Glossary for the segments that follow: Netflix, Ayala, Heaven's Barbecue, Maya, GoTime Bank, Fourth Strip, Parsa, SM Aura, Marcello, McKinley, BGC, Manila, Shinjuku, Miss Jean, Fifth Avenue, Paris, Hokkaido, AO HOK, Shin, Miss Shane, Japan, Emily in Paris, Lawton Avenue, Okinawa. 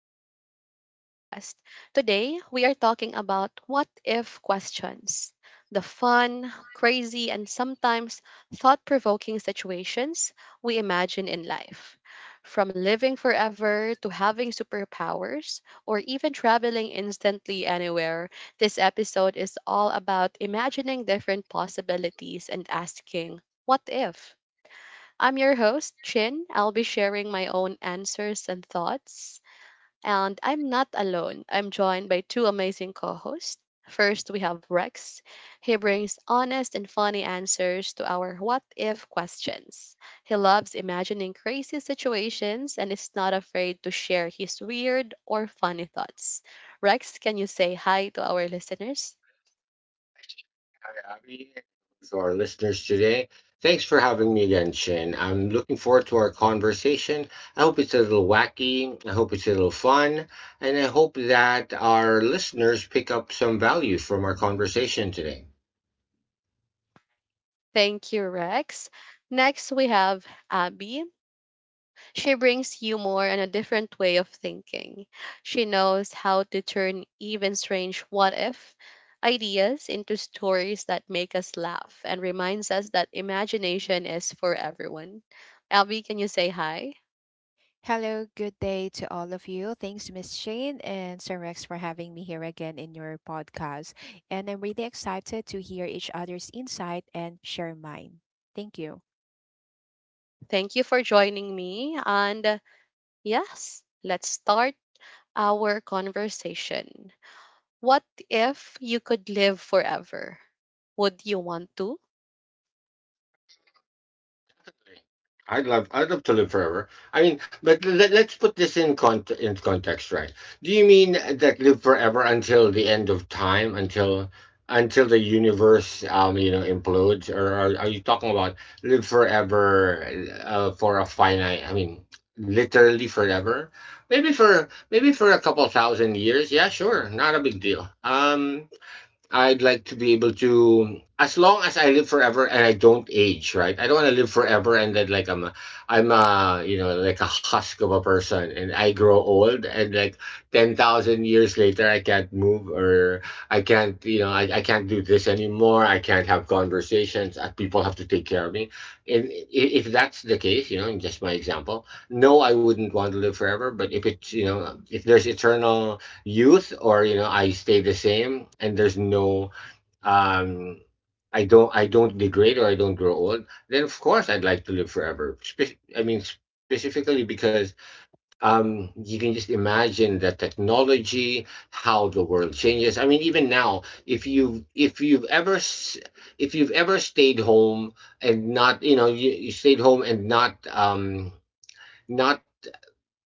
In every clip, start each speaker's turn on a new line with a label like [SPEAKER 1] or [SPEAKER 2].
[SPEAKER 1] back to our podcast. Today, we are talking about what if questions, the fun, crazy, and sometimes thought provoking situations we imagine in life. From living forever to having superpowers or even traveling instantly anywhere, this episode is all about imagining different possibilities and asking, what if? I'm your host, Chin. I'll be sharing my own answers and thoughts. And I'm not alone. I'm joined by two amazing co hosts. First, we have Rex. He brings honest and funny answers to our what if questions. He loves imagining crazy situations and is not afraid to share his weird or funny thoughts. Rex, can you say hi to our listeners?
[SPEAKER 2] To our listeners today. Thanks for having me again, Shin. I'm looking forward to our conversation. I hope it's a little wacky. I hope it's a little fun. And I hope that our listeners pick up some value from our conversation today.
[SPEAKER 1] Thank you, Rex. Next, we have Abby. She brings humor and a different way of thinking. She knows how to turn even strange what if ideas into stories that make us laugh and reminds us that imagination is for everyone. Abby, can you say hi?
[SPEAKER 3] Hello, good day to all of you. Thanks, Miss Shane and Sir Rex, for having me here again in your podcast. And I'm really excited to hear each other's insight and share mine. Thank you.
[SPEAKER 1] Thank you for joining me. And yes, let's start our conversation. What if you could live forever? Would you want to?
[SPEAKER 2] I'd love to live forever. I mean, but let's put this in context, right? Do you mean that live forever until the end of time, until the universe, implodes, or are you talking about live forever, for a finite? I mean, literally forever. Maybe for a couple thousand years. Yeah, sure, not a big deal. I'd like to be able to, as long as I live forever and I don't age, right? I don't want to live forever and then like I'm a, you know, like a husk of a person and I grow old and like 10,000 years later, I can't move or I can't, I can't do this anymore. I can't have conversations. People have to take care of me. And i- if that's the case, you know, in just my example, no, I wouldn't want to live forever. But if it's, you know, if there's eternal youth, or you know, I stay the same, and there's no um I don't degrade or I don't grow old, then of course I'd like to live forever. I mean specifically because you can just imagine the technology, how the world changes. I mean, even now, if you've ever stayed home and not, you know, you stayed home and not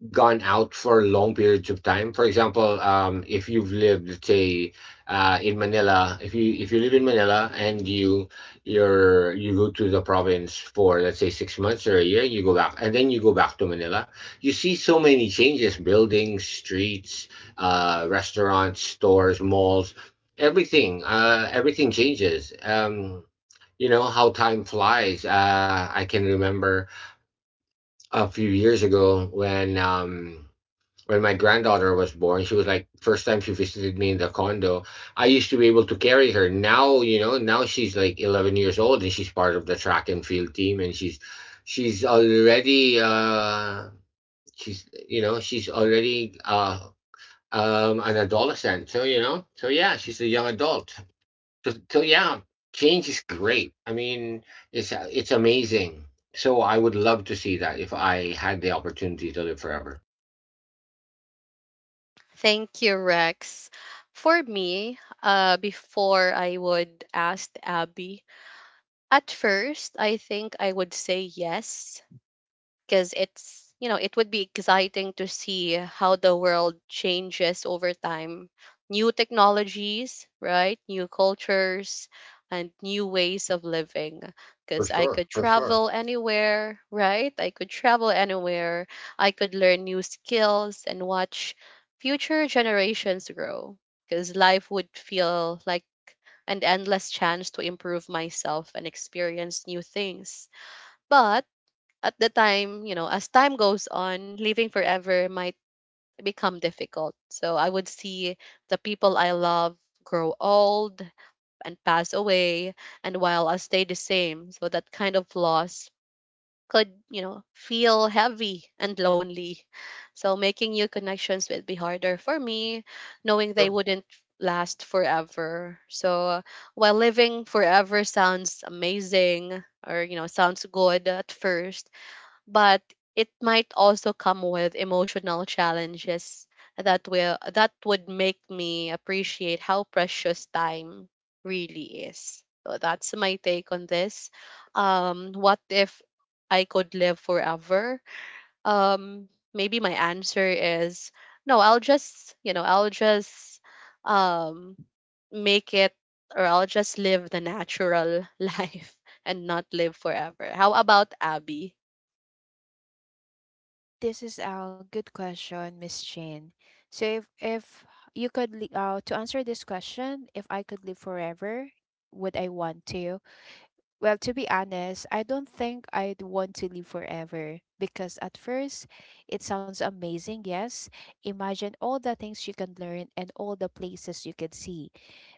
[SPEAKER 2] gone out for long periods of time. For example, if you've lived, let's say, in Manila, if you live in Manila and you go to the province for let's say 6 months or a year, and you go back, and then you go back to Manila, you see so many changes: buildings, streets, restaurants, stores, malls, everything. Everything changes. You know how time flies. I can remember a few years ago, when my granddaughter was born, she was like first time she visited me in the condo. I used to be able to carry her. Now, you know, now she's like 11 years old, and she's part of the track and field team, and she's already uh she's already an adolescent. So, you know, so yeah, she's a young adult. So, so yeah, change is great. I mean, it's amazing. So I would love to see that if I had the opportunity to live forever.
[SPEAKER 1] Thank you, Rex. For me, before I would ask Abby, at first, I think I would say yes, because, it's you know, it would be exciting to see how the world changes over time, new technologies, right, new cultures and new ways of living.
[SPEAKER 2] For
[SPEAKER 1] Because I
[SPEAKER 2] sure,
[SPEAKER 1] could
[SPEAKER 2] for sure.
[SPEAKER 1] travel anywhere, right, I could travel anywhere, I could learn new skills and watch future generations grow, because life would feel like an endless chance to improve myself and experience new things. But at the time, you know, as time goes on, living forever might become difficult. So I would see the people I love grow old and pass away, and while I stay the same. So that kind of loss could, you know, feel heavy and lonely. So making new connections would be harder for me, knowing they
[SPEAKER 2] Sure.
[SPEAKER 1] wouldn't last forever. So while living forever sounds amazing or, you know, sounds good at first, but it might also come with emotional challenges that will that would make me appreciate how precious time really is. So that's my take on this. What if I could live forever? Um, maybe my answer is no. I'll just um make it, or I'll just live the natural life and not live forever. How about Abby?
[SPEAKER 3] This is a good question, Miss Shane. So, if you could, to answer this question, if I could live forever, would I want to? Well, to be honest, I don't think I'd want to live forever because at first it sounds amazing, yes. Imagine all the things you can learn and all the places you can see.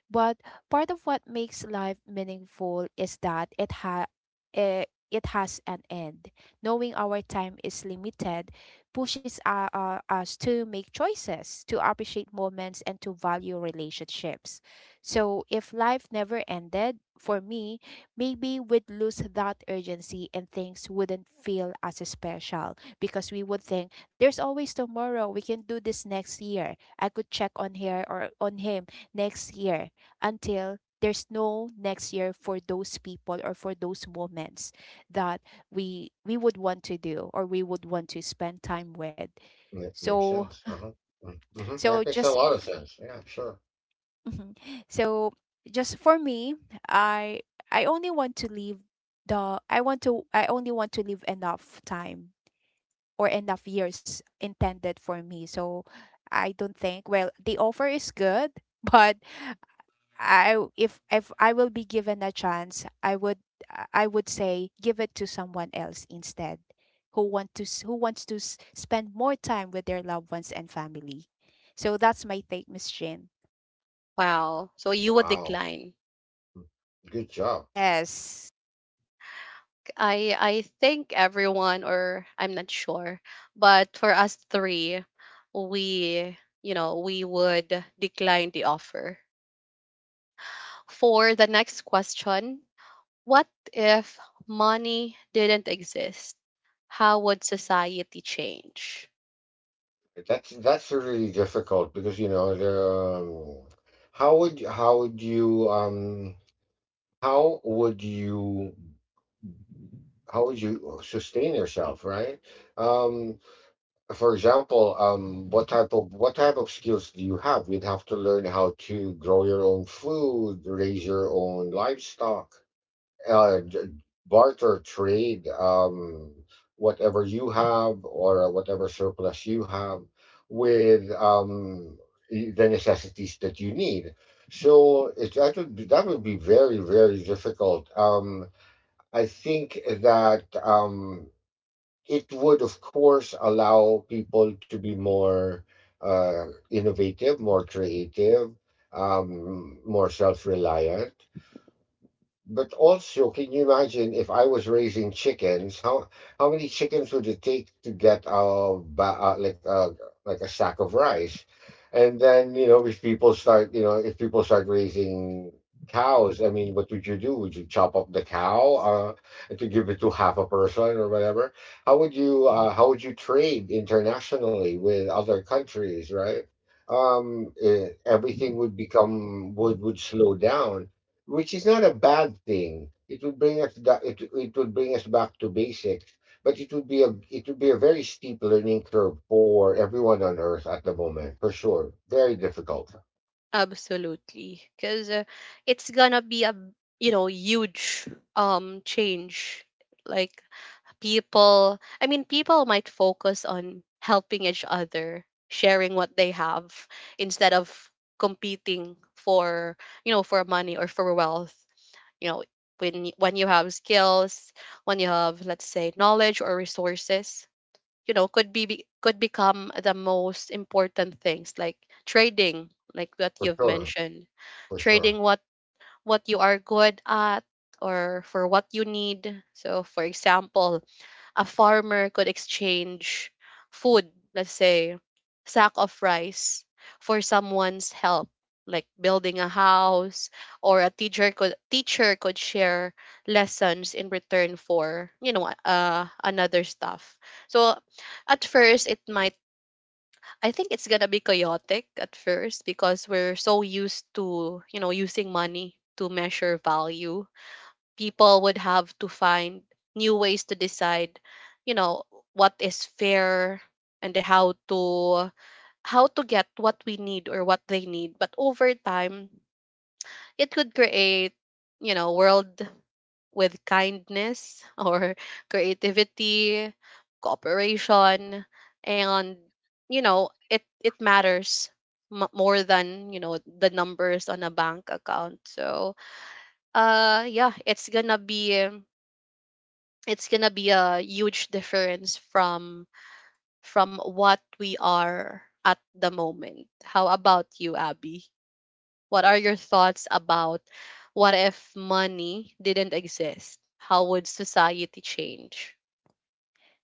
[SPEAKER 3] But part of what makes life meaningful is that eh, it has an end. Knowing our time is limited pushes us to make choices, to appreciate moments, and to value relationships. So, if life never ended, for me, maybe we'd lose that urgency and things wouldn't feel as special because we would think there's always tomorrow. We can do this next year. I could check on her or on him next year until there's no next year for those people or for those moments that we would want to do or we would want to spend time with
[SPEAKER 2] Make, makes
[SPEAKER 3] so
[SPEAKER 2] sense. Uh-huh. Mm-hmm.
[SPEAKER 3] so
[SPEAKER 2] That makes a
[SPEAKER 3] just
[SPEAKER 2] lot of
[SPEAKER 3] f-
[SPEAKER 2] sense. Yeah, sure.
[SPEAKER 3] mhm. so just for me i I only want to leave the I want to I only want to leave enough time or enough years intended for me. So I don't think, well, the offer is good, but I, if I will be given a chance, I would say give it to someone else instead who who wants to spend more time with their loved ones and family. So that's my take, Miss Jane.
[SPEAKER 1] Wow. So you would
[SPEAKER 2] Wow.
[SPEAKER 1] decline.
[SPEAKER 2] Good job.
[SPEAKER 3] Yes.
[SPEAKER 1] I think everyone, or I'm not sure, but for us three, we, you know, we would decline the offer. For the next question, what if money didn't exist? How would society change?
[SPEAKER 2] That's really difficult because you know the um, how would you how would you how would you sustain yourself, right? Um, for example, what type of skills do you have? You'd have to learn how to grow your own food, raise your own livestock, barter trade whatever you have or whatever surplus you have with the necessities that you need. That would be very very difficult. I think that it would of course allow people to be more innovative, more creative, more self reliant, but also, can you imagine if I was raising chickens? How many chickens would it take to get like a sack of rice? And then you know, if people start, you know, if people start raising cows, I mean, what would you do? Would you chop up the cow and to give it to half a person or whatever? How would you trade internationally with other countries, right? Everything would become would slow down, which is not a bad thing. It would bring us back to basics, but it would be a it would be a very steep learning curve for everyone on Earth at the moment, for sure. Very difficult,
[SPEAKER 1] Absolutely. Cuz it's going to be a, you know, huge change. Like people I mean people might focus on helping each other, sharing what they have instead of competing for, you know, for money or for wealth. You know, when you have skills, when you have, let's say, knowledge or resources, you know, could could become the most important things, like trading, like what
[SPEAKER 2] for
[SPEAKER 1] you've
[SPEAKER 2] sure,
[SPEAKER 1] mentioned.
[SPEAKER 2] for
[SPEAKER 1] Trading
[SPEAKER 2] sure.
[SPEAKER 1] what you are good at, or for what you need. So for example, a farmer could exchange food, let's say, sack of rice for someone's help, like building a house, or a teacher could share lessons in return for, you know, another stuff. So at first it might, I think it's gonna be chaotic at first because we're so used to, you know, using money to measure value. People would have to find new ways to decide, you know, what is fair and how to get what we need or what they need. But over time, it could create, you know, world with kindness or creativity, cooperation, and, you know, it matters more than, you know, the numbers on a bank account. So yeah, it's gonna be a huge difference from what we are at the moment. How about you, Abby? What are your thoughts about what if money didn't exist? How would society change?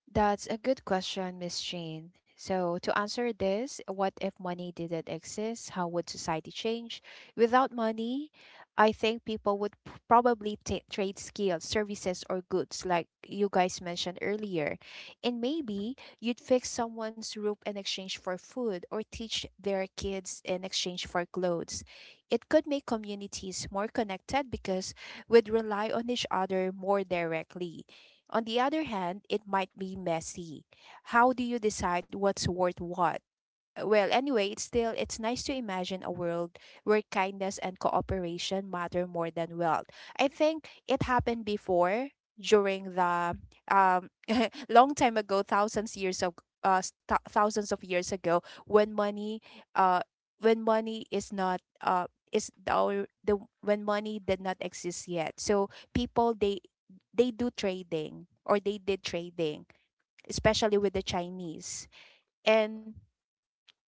[SPEAKER 3] That's a good question, Miss Jean. So, to answer this, what if money didn't exist? How would society change? Without money, I think people would probably ta trade skills, services, or goods, like you guys mentioned earlier. And maybe you'd fix someone's roof in exchange for food, or teach their kids in exchange for clothes. It could make communities more connected because we'd rely on each other more directly. On the other hand, it might be messy. How do you decide what's worth what? Well, anyway, it's nice to imagine a world where kindness and cooperation matter more than wealth. I think it happened before, during the um long time ago, thousands years of thousands of years ago when money, uh when money is not, is the, or the, when money did not exist yet. So people, they do trading, or they did trading, especially with the Chinese. And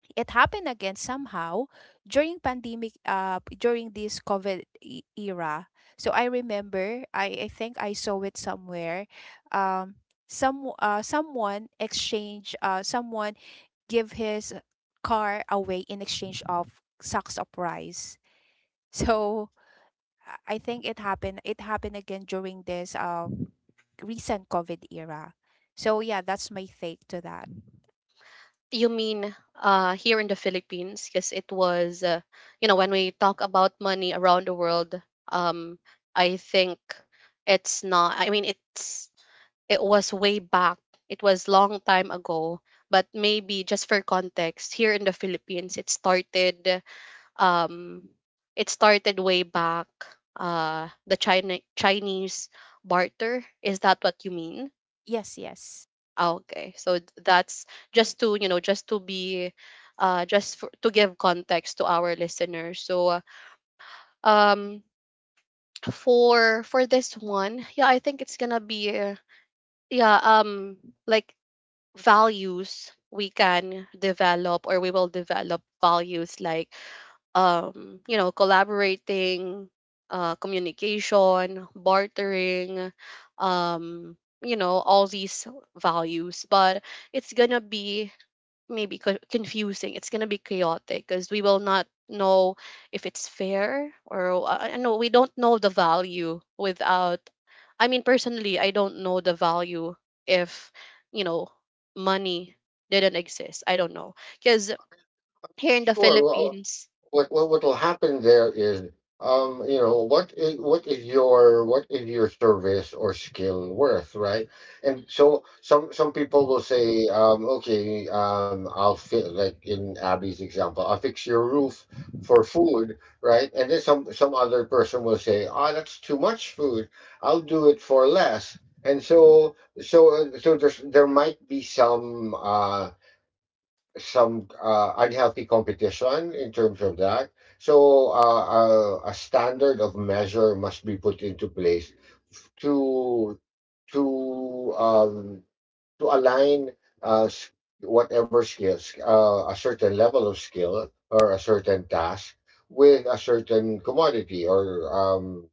[SPEAKER 3] it happened again somehow during pandemic, during this COVID era. So I remember, I think I saw it somewhere. Um Someone exchange, someone give his car away in exchange of sacks of rice. So I think it happened, it happened again during this recent COVID era. So yeah, that's my take to that.
[SPEAKER 1] You mean here in the Philippines? Because it was, you know, when we talk about money around the world, um, I think it's not. I mean, it's, it was way back. It was long time ago, but maybe just for context, here in the Philippines, it started um way back, the China Chinese barter. Is that what you mean?
[SPEAKER 3] Yes, yes.
[SPEAKER 1] Ah, okay. So that's just to, you know, just to be, just for, to give context to our listeners. So um for this one, yeah, I think it's going to be yeah, like values we can develop or we will develop, values like, you know, collaborating, communication, bartering, um you know, all these values. But it's gonna be maybe confusing. It's gonna be chaotic because we will not know if it's fair or no, we don't know the value without. I mean, personally, I don't know the value if, you know, money didn't exist. I don't know, because here in the
[SPEAKER 2] Sure, well,
[SPEAKER 1] Philippines,
[SPEAKER 2] what will happen there is you know what is your service or skill worth, right? And so some people will say, okay, I'll fit like in Abby's example, I'll fix your roof for food, right? And then some other person will say, ah, that's too much food, I'll do it for less. And so so uh, so there's there might be some unhealthy competition in terms of that. So a standard of measure must be put into place to to um, to align uh, s- whatever skills, a certain level of skill or a certain task with a certain commodity or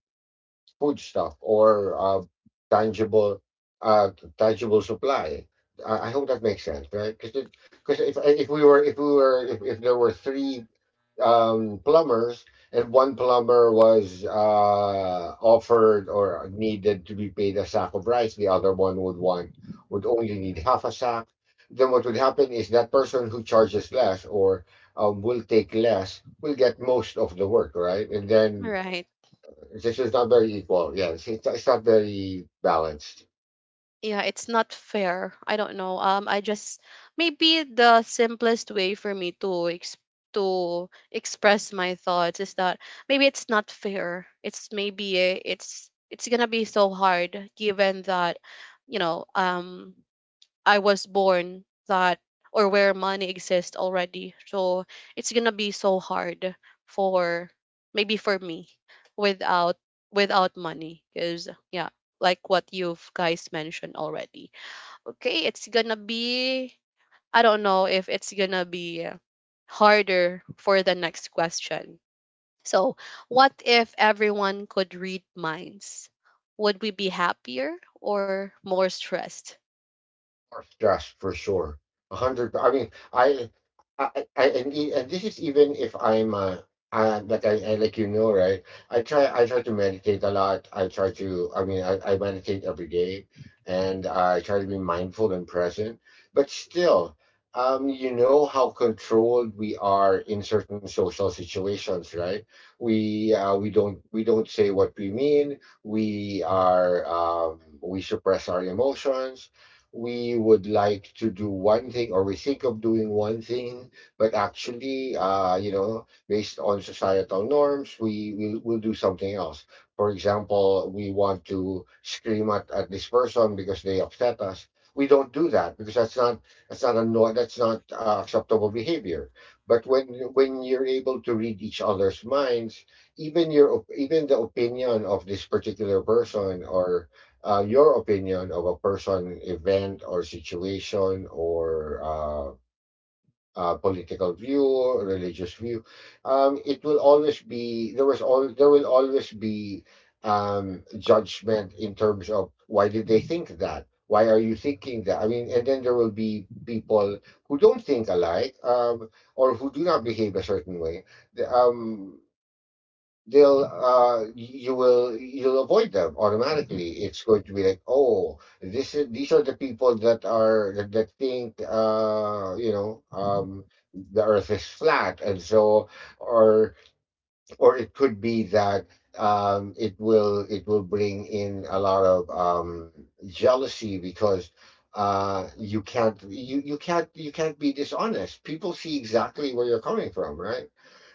[SPEAKER 2] food stuff or tangible uh, tangible supply. I hope that makes sense, right? Because if we were if we were if there were 3 plumbers and one plumber was offered or needed to be paid a sack of rice, the other one would want would only need half a sack. Then what would happen is that person who charges less or will take less will get most of the work, right? And then
[SPEAKER 1] right?
[SPEAKER 2] this is not very equal. Yeah, it's not very balanced.
[SPEAKER 1] Yeah, it's not fair. I don't know, I just, maybe the simplest way for me to to express my thoughts is that maybe it's not fair. It's maybe, it's gonna be so hard, given that, you know, I was born that, or where money exists already. So it's gonna be so hard for, maybe for me, without, without money, because yeah, like what you've guys mentioned already. Okay, it's gonna be, I don't know if it's gonna be harder. For the next question. So, what if everyone could read minds? Would we be happier or more stressed?
[SPEAKER 2] Are stress for sure. A hundred. I mean, and this is even if I'm, like I, like you know, right? I try to meditate a lot. I try to, I mean, I meditate every day, and I try to be mindful and present. But still, you know how controlled we are in certain social situations, right? We, we don't say what we mean. We are, we suppress our emotions. We would like to do one thing or we think of doing one thing, but actually, you know, based on societal norms, we'll do something else. For example, we want to scream at this person because they upset us. We don't do that because that's not a no, that's not acceptable behavior. But when you're able to read each other's minds, even even the opinion of this particular person, or your opinion of a person, event, or situation, or political view, religious view. It will always be there was all there will always be judgment in terms of why did they think that? Why are you thinking that? I mean, and then there will be people who don't think alike, or who do not behave a certain way. The, they'll You will you'll avoid them automatically. It's going to be like, oh, this is these are the people that are that think, the earth is flat. And so or or it could be that it will bring in a lot of jealousy, because you can't, you can't be dishonest. People see exactly where you're coming from, right?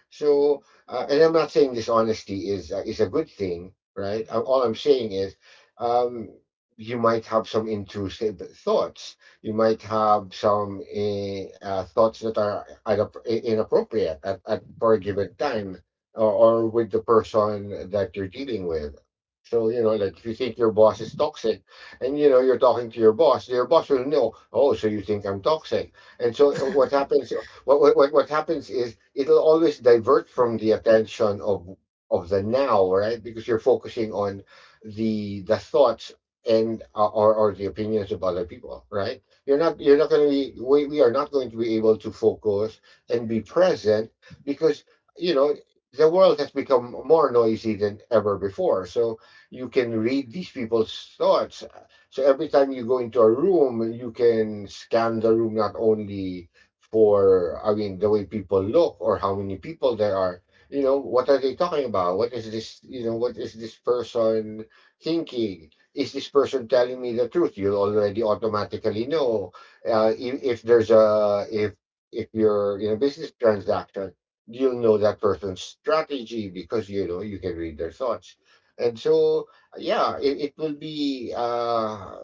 [SPEAKER 2] So, and I'm not saying dishonesty is a good thing, right? All I'm saying is, um, you might have some intrusive thoughts. You might have some thoughts that are inappropriate at for a given time, or with the person that you're dealing with. So, you know, like if you think your boss is toxic, and you know you're talking to your boss will know. Oh, so you think I'm toxic? And so what happens? What happens is it'll always divert from the attention of the now, right? Because you're focusing on the thoughts and or the opinions of other people, right? You're not going to be we are not going to be able to focus and be present because you know the world has become more noisy than ever before. So you can read these people's thoughts, so every time you go into a room, you can scan the room not only for I mean the way people look or how many people there are, you know, what are they talking about, what is this person thinking, is this person telling me the truth? You'll already automatically know if there's a if you're in a business transaction, you'll know that person's strategy because you know you can read their thoughts. And so yeah, it will be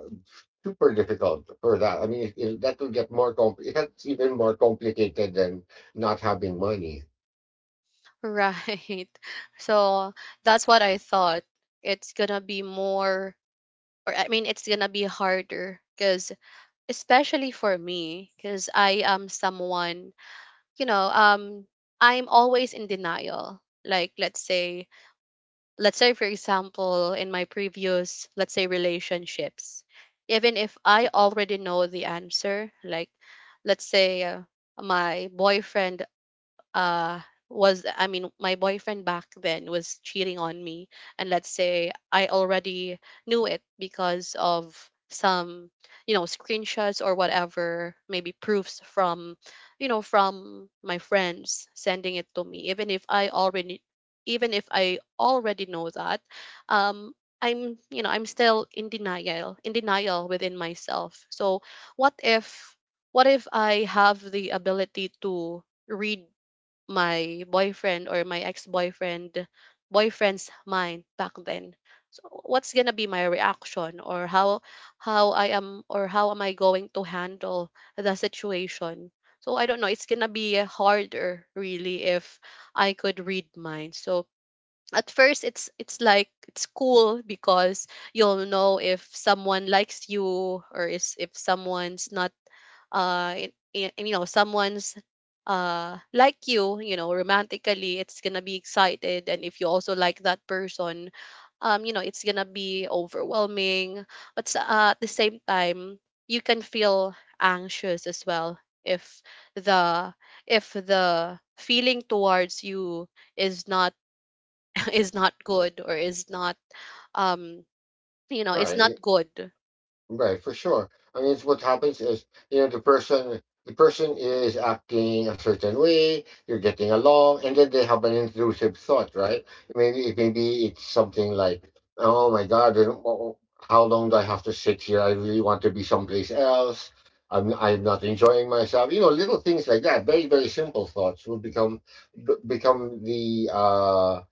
[SPEAKER 2] super difficult for that. I mean, that will get more comp. It gets even more complicated than not having money,
[SPEAKER 1] Right. So that's what I thought. It's gonna be more, or I mean, it's gonna be harder because, especially for me, because I am someone, you know, I'm always in denial. Like, let's say, for example, in my previous, let's say, relationships, even if I already know the answer. Like, let's say, my boyfriend, uh was I mean my boyfriend back then was cheating on me, and let's say I already knew it because of some, you know, screenshots or whatever, maybe proofs from, you know, from my friends sending it to me. Even if I already, even if I already know that, um I'm, you know, I'm still in denial, in denial within myself. So what if, what if I have the ability to read my boyfriend, or my ex-boyfriend boyfriend's mind back then? So what's going to be my reaction, or how I am or how am I going to handle the situation? So I don't know, it's going to be harder really if I could read minds. So at first it's like it's cool, because you'll know if someone likes you, or is, if someone's not, you know, someone's, like you know, romantically. It's gonna be excited, and if you also like that person, you know, it's gonna be overwhelming. But at the same time, you can feel anxious as well if the, if the feeling towards you is not is not good, or is not, um you know, it's
[SPEAKER 2] right?
[SPEAKER 1] not good.
[SPEAKER 2] Right, for sure. I mean, it's what happens is, you know, the person is acting a certain way, you're getting along, and then they have an intrusive thought, right? Maybe it's something like, "Oh my God, I don't- oh, how long do I have to sit here? I really want to be someplace else. I'm not enjoying myself." You know, little things like that. Very, very simple thoughts will become b- become the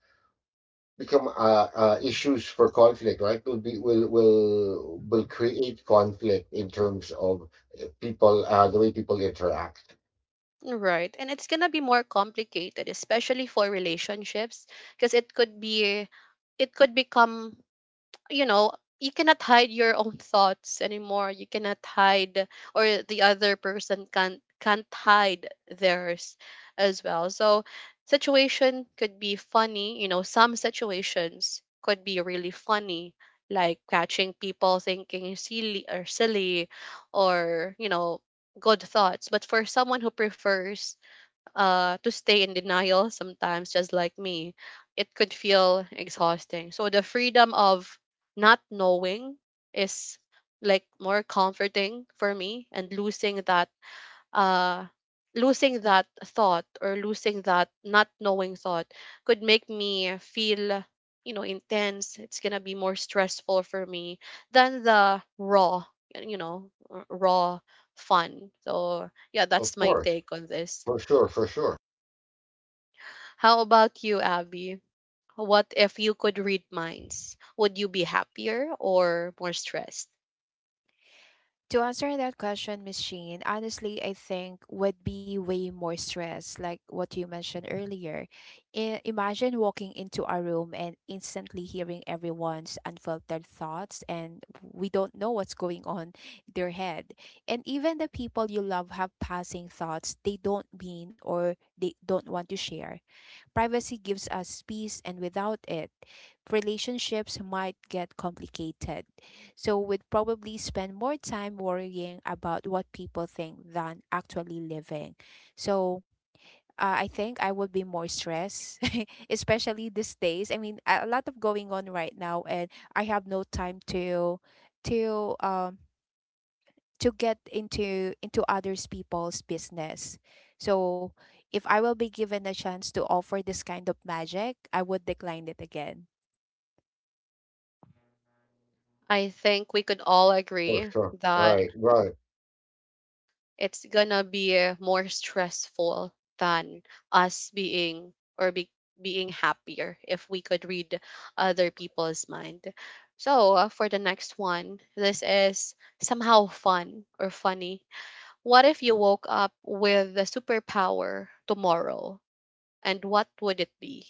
[SPEAKER 2] become issues for conflict, right? Will be will create conflict in terms of people, the way people interact.
[SPEAKER 1] Right, and it's gonna be more complicated, especially for relationships, because it could be, it could become, you know, you cannot hide your own thoughts anymore. You cannot hide, or the other person can't hide theirs as well. So situation could be funny, you know, some situations could be really funny, like catching people thinking silly or silly, or, you know, good thoughts. But for someone who prefers, to stay in denial sometimes, just like me, it could feel exhausting. So the freedom of not knowing is like more comforting for me, and losing that, uh, losing that thought or losing that not knowing thought could make me feel, you know, intense. It's gonna be more stressful for me than the raw, you know, raw fun. So yeah, that's
[SPEAKER 2] Of
[SPEAKER 1] my
[SPEAKER 2] course,
[SPEAKER 1] take on this.
[SPEAKER 2] for sure, for sure,
[SPEAKER 1] How about you, Abby? What if you could read minds? Would you be happier or more stressed?
[SPEAKER 3] To answer that question, Miss Sheen, honestly, I think would be way more stress, like what you mentioned earlier. Imagine walking into a room and instantly hearing everyone's unfiltered thoughts, and we don't know what's going on in their head. And even the people you love have passing thoughts they don't mean or they don't want to share. Privacy gives us peace, and without it, relationships might get complicated. So we'd probably spend more time worrying about what people think than actually living. So I think I would be more stressed, especially these days. I mean, a lot of going on right now, and I have no time to, to um to get into others people's business. So if I will be given a chance to offer this kind of magic, I would decline it again.
[SPEAKER 1] I think we could all
[SPEAKER 2] for
[SPEAKER 1] agree
[SPEAKER 2] sure.
[SPEAKER 1] that
[SPEAKER 2] Right, right.
[SPEAKER 1] it's gonna be more stressful than us being, or being happier if we could read other people's mind. So, for the next one, this is somehow fun or funny. What if you woke up with a superpower tomorrow? And what would it be?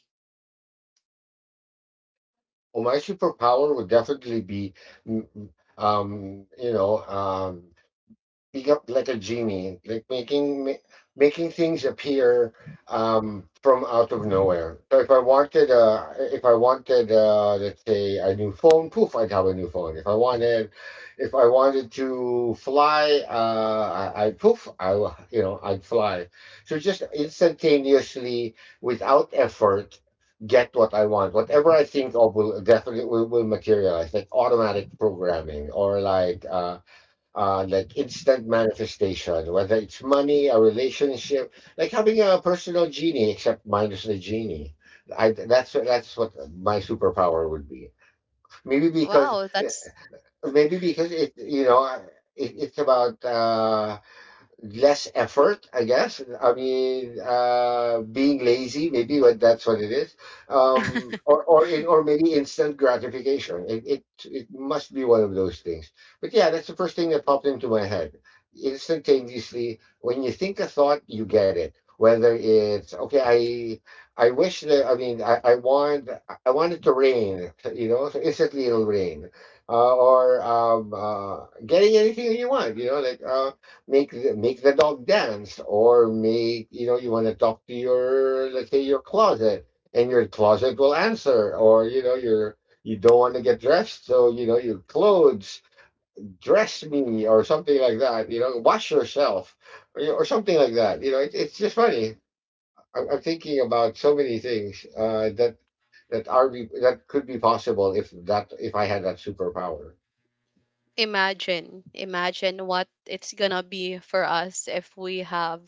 [SPEAKER 2] Well, my superpower would definitely be, mm, mm, um, you know, um, speak up like a genie, like making things appear from out of nowhere. So if I wanted, let's say a new phone, poof, I'd have a new phone. If I wanted to fly, I poof, you know I'd fly. So just instantaneously, without effort. Get what I want. Whatever I think of will definitely will materialize, like automatic programming or like instant manifestation, whether it's money, a relationship, like having a personal genie, except minus the genie. I, that's what my superpower would be. Maybe because
[SPEAKER 1] Wow, that's
[SPEAKER 2] maybe because it you know it, it's about. Less effort, I guess. I mean, being lazy, maybe what that's what it is, or maybe instant gratification. It must be one of those things. But yeah, that's the first thing that popped into my head. Instantaneously, when you think a thought, you get it. Whether it's okay, I wish that I mean I want it to rain, you know, so instantly it'll rain, or getting anything you want, you know, like. Make the dog dance, or make you know you want to talk to your, let's say, your closet, and your closet will answer. Or you know you don't want to get dressed, so you know your clothes dress me or something like that. You know, wash yourself, or, you know, or something like that. You know, it, it's just funny. I'm thinking about so many things that could be possible if I had that superpower.
[SPEAKER 1] imagine, imagine what it's gonna be for us if we have,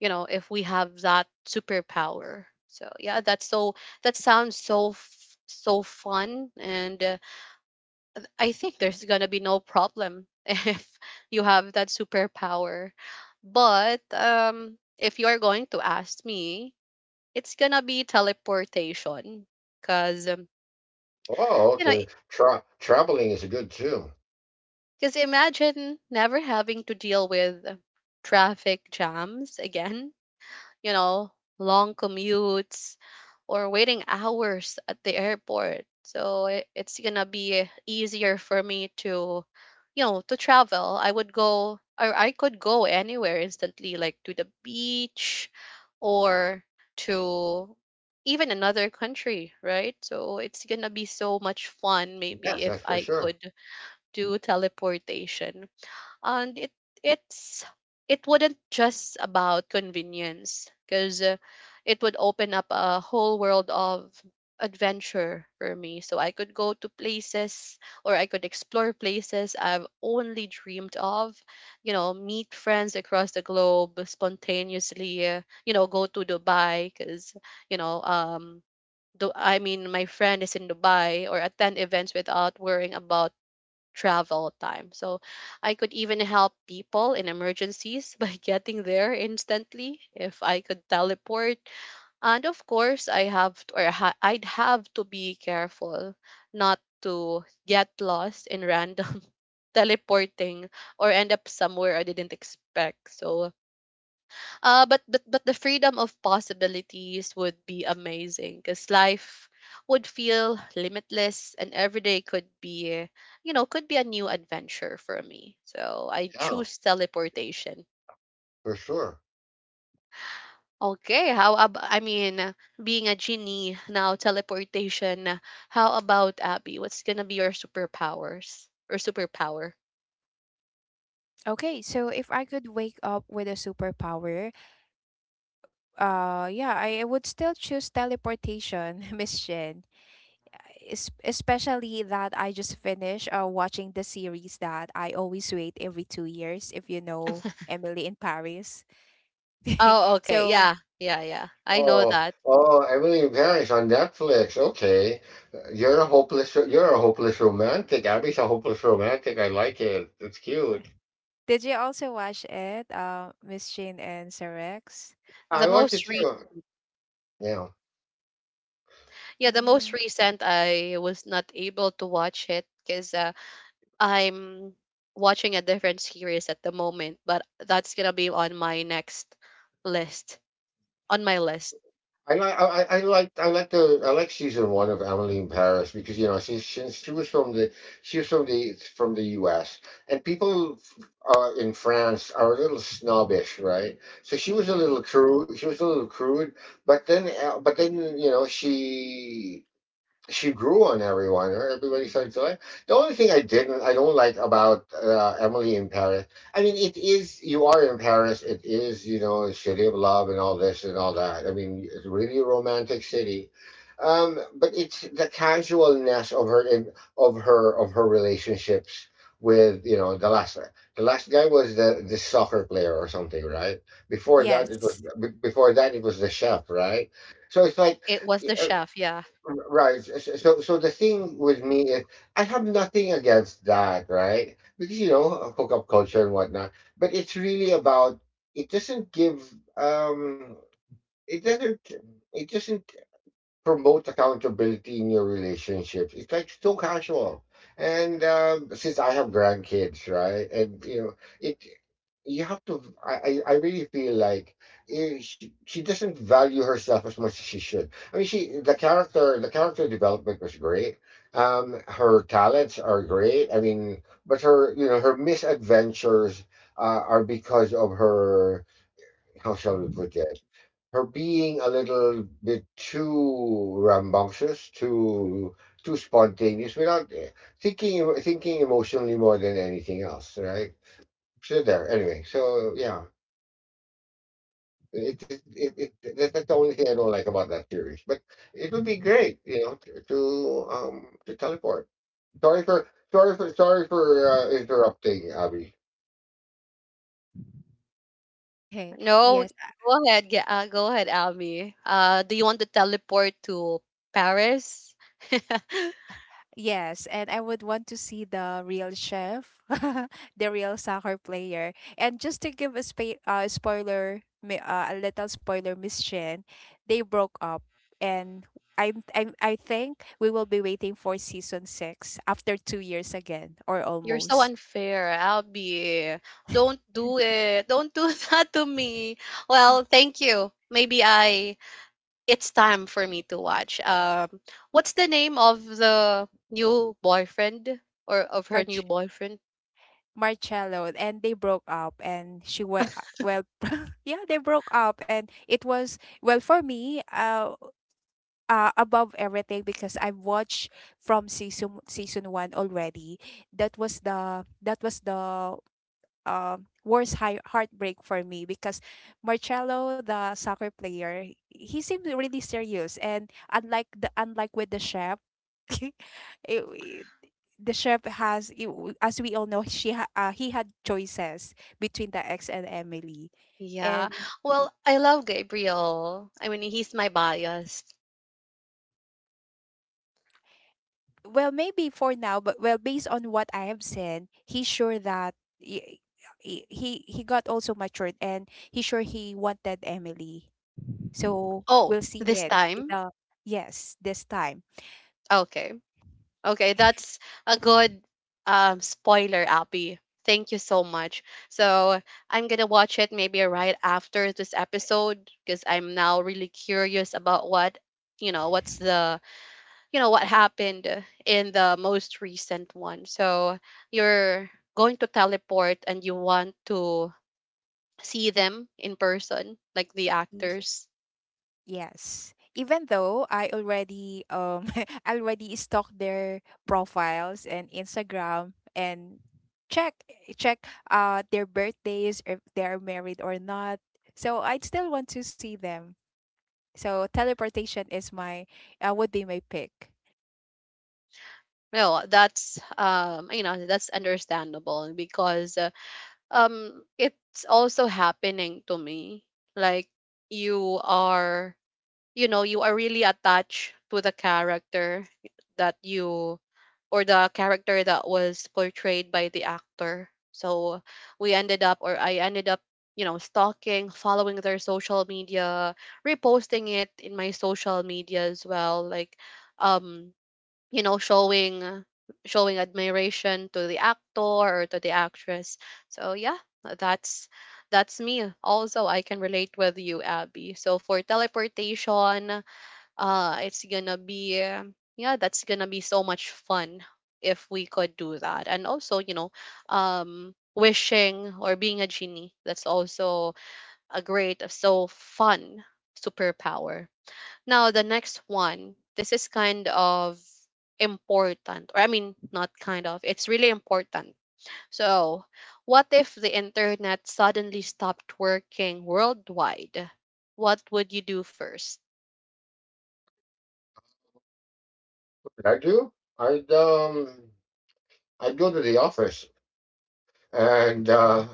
[SPEAKER 1] you know, if we have that superpower. So yeah, that's so, that sounds so so fun, and I think there's gonna be no problem if you have that superpower. But if you are going to ask me, it's gonna be teleportation, cause um,
[SPEAKER 2] Oh
[SPEAKER 1] you know
[SPEAKER 2] okay. Traveling is good too.
[SPEAKER 1] Because imagine never having to deal with traffic jams again, you know, long commutes, or waiting hours at the airport. So it's gonna be easier for me to, you know, to travel. I would go, or I could go anywhere instantly, like to the beach or to even another country, right? So it's gonna be so much fun, maybe,
[SPEAKER 2] Yes,
[SPEAKER 1] if
[SPEAKER 2] that's for
[SPEAKER 1] I
[SPEAKER 2] sure.
[SPEAKER 1] could do teleportation. And it it's it wouldn't just about convenience because it would open up a whole world of adventure for me, so I could go to places, or I could explore places I've only dreamed of, you know, meet friends across the globe spontaneously, you know, go to Dubai because you know do I mean my friend is in Dubai, or attend events without worrying about travel time. So I could even help people in emergencies by getting there instantly if I could teleport. And of course, I have to, or I'd have to be careful not to get lost in random teleporting or end up somewhere I didn't expect. So but the freedom of possibilities would be amazing, because life would feel limitless and every day could be, you know, could be a new adventure for me. So I
[SPEAKER 2] Yeah.
[SPEAKER 1] choose teleportation.
[SPEAKER 2] For sure.
[SPEAKER 1] Okay, how about, I mean, being a genie now teleportation. How about Abby? What's gonna be your superpowers or superpower?
[SPEAKER 3] Okay, so if I could wake up with a superpower, yeah, I would still choose teleportation, miss Shin. Especially that I just finished watching the series that I always wait every 2 years, if you know Emily in Paris.
[SPEAKER 1] Oh, okay,
[SPEAKER 3] so
[SPEAKER 1] yeah, yeah, yeah. I know
[SPEAKER 2] Oh,
[SPEAKER 1] that.
[SPEAKER 2] oh, Emily in Paris on Netflix. Okay, you're a hopeless romantic. Abby's a hopeless romantic. I like it. It's cute.
[SPEAKER 3] did you also watch it, Miss Jane and Sir Rex?
[SPEAKER 1] The
[SPEAKER 2] I watched it
[SPEAKER 1] most
[SPEAKER 2] too. Yeah,
[SPEAKER 1] Yeah, the most
[SPEAKER 3] Mm,
[SPEAKER 1] recent I was not able to watch it because I'm watching a different series at the moment, but that's gonna be on my next list. On my list,
[SPEAKER 2] I like, I liked, I like the, I like season one of Emily in Paris because you know she was from from the U.S., and people in France are a little snobbish, right? So she was a
[SPEAKER 3] mm-mm.
[SPEAKER 2] little crude. She was a little crude, but then you know she grew on everyone. Right? Everybody started to like. The only thing I don't like about Emily in Paris. I mean, it is you are in Paris. It is you know a city of love and all this and all that. I mean, it's really a romantic city. But it's the casualness of of her relationships with you know the last guy was the soccer player or something, right? before that it was
[SPEAKER 3] Yes.
[SPEAKER 2] be- before that it was the chef, right? So it's like,
[SPEAKER 1] it was The Chef. Yeah.
[SPEAKER 2] right. So, so the thing with me is I have nothing against that, right? Because you know, hookup culture and whatnot. But it's really about it doesn't give it doesn't it doesn't promote accountability in your relationships. It's like so casual. And since I have grandkids, right? And you know, it you have to, I I really feel like she doesn't value herself as much as she should. I mean she the character development was great. Um, her talents are great. I mean but her you know her misadventures are because of her, how shall we put it? Her being a little bit too rambunctious, too spontaneous, without thinking emotionally more than anything else, right? So there, anyway. So yeah, that's the only thing I don't like about that series. But it would be great, you know, to teleport. Sorry for interrupting, Abby.
[SPEAKER 1] No,
[SPEAKER 3] Yes.
[SPEAKER 1] go ahead. Yeah, go ahead, Almi. Do you want to teleport to Paris?
[SPEAKER 3] Yes. And I would want to see the real chef, the real soccer player. And just to give a spoiler, a little spoiler, Miss Jane, they broke up. And I think we will be waiting for season six after 2 years again, or
[SPEAKER 1] You're so
[SPEAKER 3] almost.
[SPEAKER 1] unfair, Albie. Don't do it. Don't do that to me. Well, thank you. Maybe I it's time for me to watch. What's the name of the new boyfriend or of her new
[SPEAKER 3] March,
[SPEAKER 1] boyfriend?
[SPEAKER 3] Marcello, and they broke up and she went, well. yeah, they broke up and it was, well, for me, above everything because I've watched from season 1 already. That was the uh, worst high heartbreak for me because Marcelo, the soccer player, he seemed really serious and, unlike with the chef, it, it- the chef has, as we all know, he had choices between the ex and Emily,
[SPEAKER 1] Yeah.
[SPEAKER 3] and,
[SPEAKER 1] Well, I love Gabriel. I mean, he's my bias.
[SPEAKER 3] well, maybe for now, but, well, based on what I have seen, he's sure that. y- He, he got also matured and he, sure, he wanted Emily. So
[SPEAKER 1] Oh,
[SPEAKER 3] we'll see
[SPEAKER 1] this
[SPEAKER 3] it in
[SPEAKER 1] time?
[SPEAKER 3] the, yes, this time.
[SPEAKER 1] Okay. Okay, that's a good, um, spoiler, Abby. Thank you so much. So I'm gonna watch it maybe right after this episode because I'm now really curious about what, you know, what's the, you know, what happened in the most recent one. So you're going to teleport and you want to see them in person, like the
[SPEAKER 3] Y-
[SPEAKER 1] actors.
[SPEAKER 3] Yes. Even though I already, I already stalked their profiles and Instagram, and check check their birthdays if they are married or not. So I'd still want to see them. So teleportation is my, would be my pick.
[SPEAKER 1] No, that's, um, you know, that's understandable because, um, it's also happening to me. Like you are, you know, you are really attached to the character that you or the character that was portrayed by the actor. So we ended up, or I ended up, you know, stalking, following their social media, reposting it in my social media as well, like, um, you know, showing showing admiration to the actor or to the actress. So yeah, that's that's me. Also, I can relate with you, Abby. So for teleportation, it's gonna be, yeah, that's gonna be so much fun if we could do that. And also, you know, um, wishing or being a genie, that's also a great so fun superpower. Now the next one, this is kind of important, or I mean, not kind of, it's really important. So what if the internet suddenly stopped working worldwide? What would you do first?
[SPEAKER 2] What did I do? I'd um I'd go to the office. And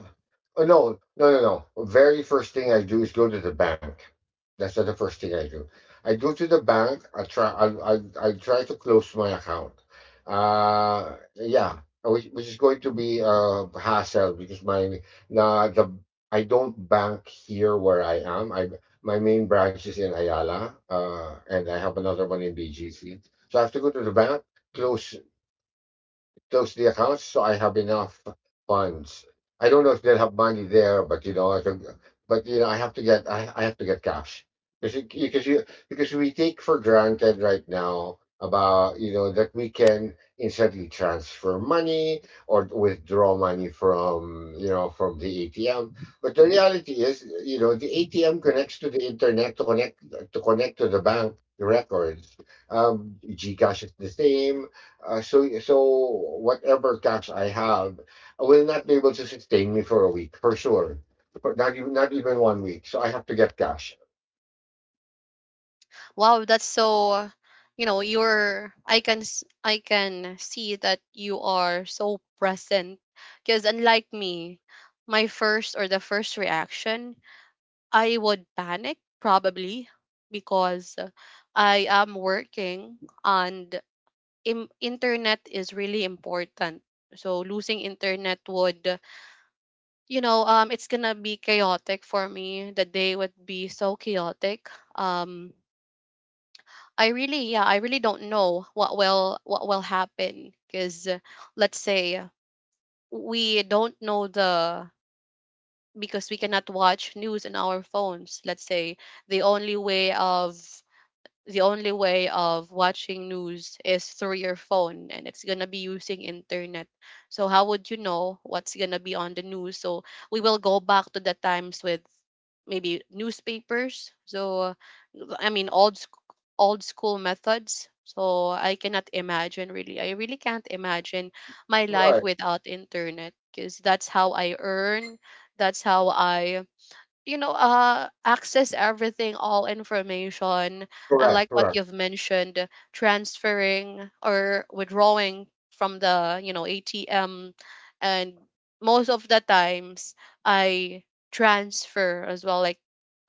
[SPEAKER 2] oh, no, no, no, no. Very first thing I do is go to the bank. That's not the first thing I do. I go to the bank. I try. I try to close my account. Which is going to be a hassle because my na the I don't bank here where I am. I My main branch is in Ayala, and I have another one in BGC. So I have to go to the bank, close close to the account, so I have enough funds. I don't know if they'll have money there, but you know, I think, but you know, I have to get cash because because we take for granted right now about you know that we can instantly transfer money or withdraw money from you know from the ATM. But the reality is, you know, the ATM connects to the internet to connect to the bank records. Gcash is the same, so whatever cash I have will not be able to sustain me for a week, for sure. For not even 1 week. So I have to get cash.
[SPEAKER 1] Wow, that's so, you know, you're I can I can see that you are so present because, unlike me, my first or the first reaction, I would panic probably because I am working and internet is really important. So losing internet would, you know, um, it's going to be chaotic for me. The day would be so chaotic. Um, I really, yeah, I really don't know what will happen because, let's say, we don't know the because we cannot watch news on our phones. Let's say the only way of the only way of watching news is through your phone, and it's going to be using internet. So how would you know what's going to be on the news? So we will go back to the times with maybe newspapers. So old old school methods. So I cannot imagine, really, I really can't imagine my life
[SPEAKER 2] Right.
[SPEAKER 1] without internet because that's how I earn, that's how I, you know, uh, access everything, all information. And
[SPEAKER 2] Correct.
[SPEAKER 1] like what
[SPEAKER 2] Correct.
[SPEAKER 1] you've mentioned, transferring or withdrawing from the, you know, ATM, and most of the times, I transfer as well, like,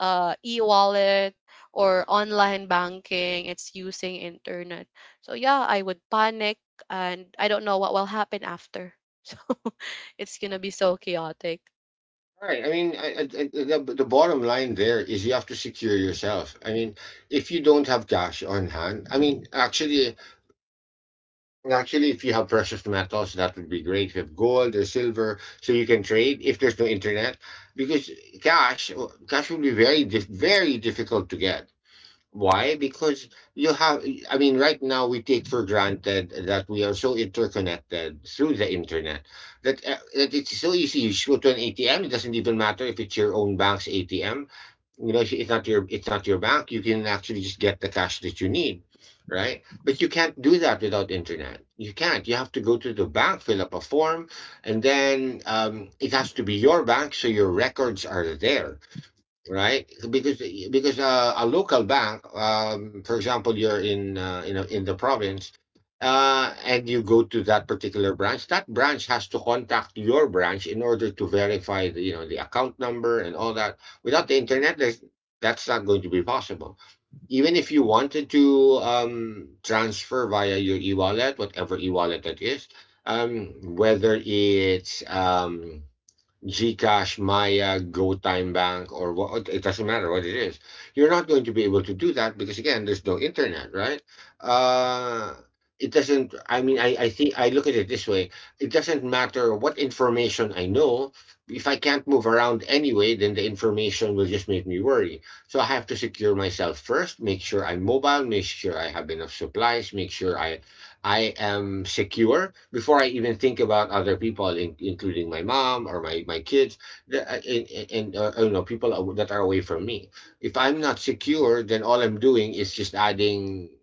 [SPEAKER 1] uh, e-wallet or online banking, it's using internet. So yeah, I would panic, and I don't know what will happen after. So it's gonna be so chaotic.
[SPEAKER 2] Right. I mean, the bottom line there is you have to secure yourself. I mean, if you don't have cash on hand, actually, if you have precious metals, that would be great. If you have gold or silver, so you can trade. If there's no internet, because cash, cash will very difficult to get. Why? I mean, right now we take for granted that we are so interconnected through the internet that, that it's so easy. You just go to an ATM, it doesn't even matter if it's your own bank's ATM. You know, it's not your bank. You can actually just get the cash that you need, right? But you can't do that without internet. You can't. You have to go to the bank, fill up a form, and then it has to be your bank, so your records are there, right? Because a local bank, for example, you're in you know in the province, and you go to that particular branch. That branch has to contact your branch in order to verify the you know the account number and all that. Without the internet, that's not going to be possible. Even if you wanted to transfer via your e-wallet, whatever e-wallet that is, whether it's Gcash, Maya, GoTime Bank, or what, it doesn't matter what it is. You're not going to be able to do that because, again, there's no internet, right? Uh, it doesn't, I mean, I think I look at it this way: it doesn't matter what information I know. If I can't move around anyway, then the information will just make me worry. So I have to secure myself first, make sure I'm mobile, make sure I have enough supplies, make sure I am secure before I even think about other people, including my mom or my kids, and you know people that are away from me. If I'm not secure, then all I'm doing is just adding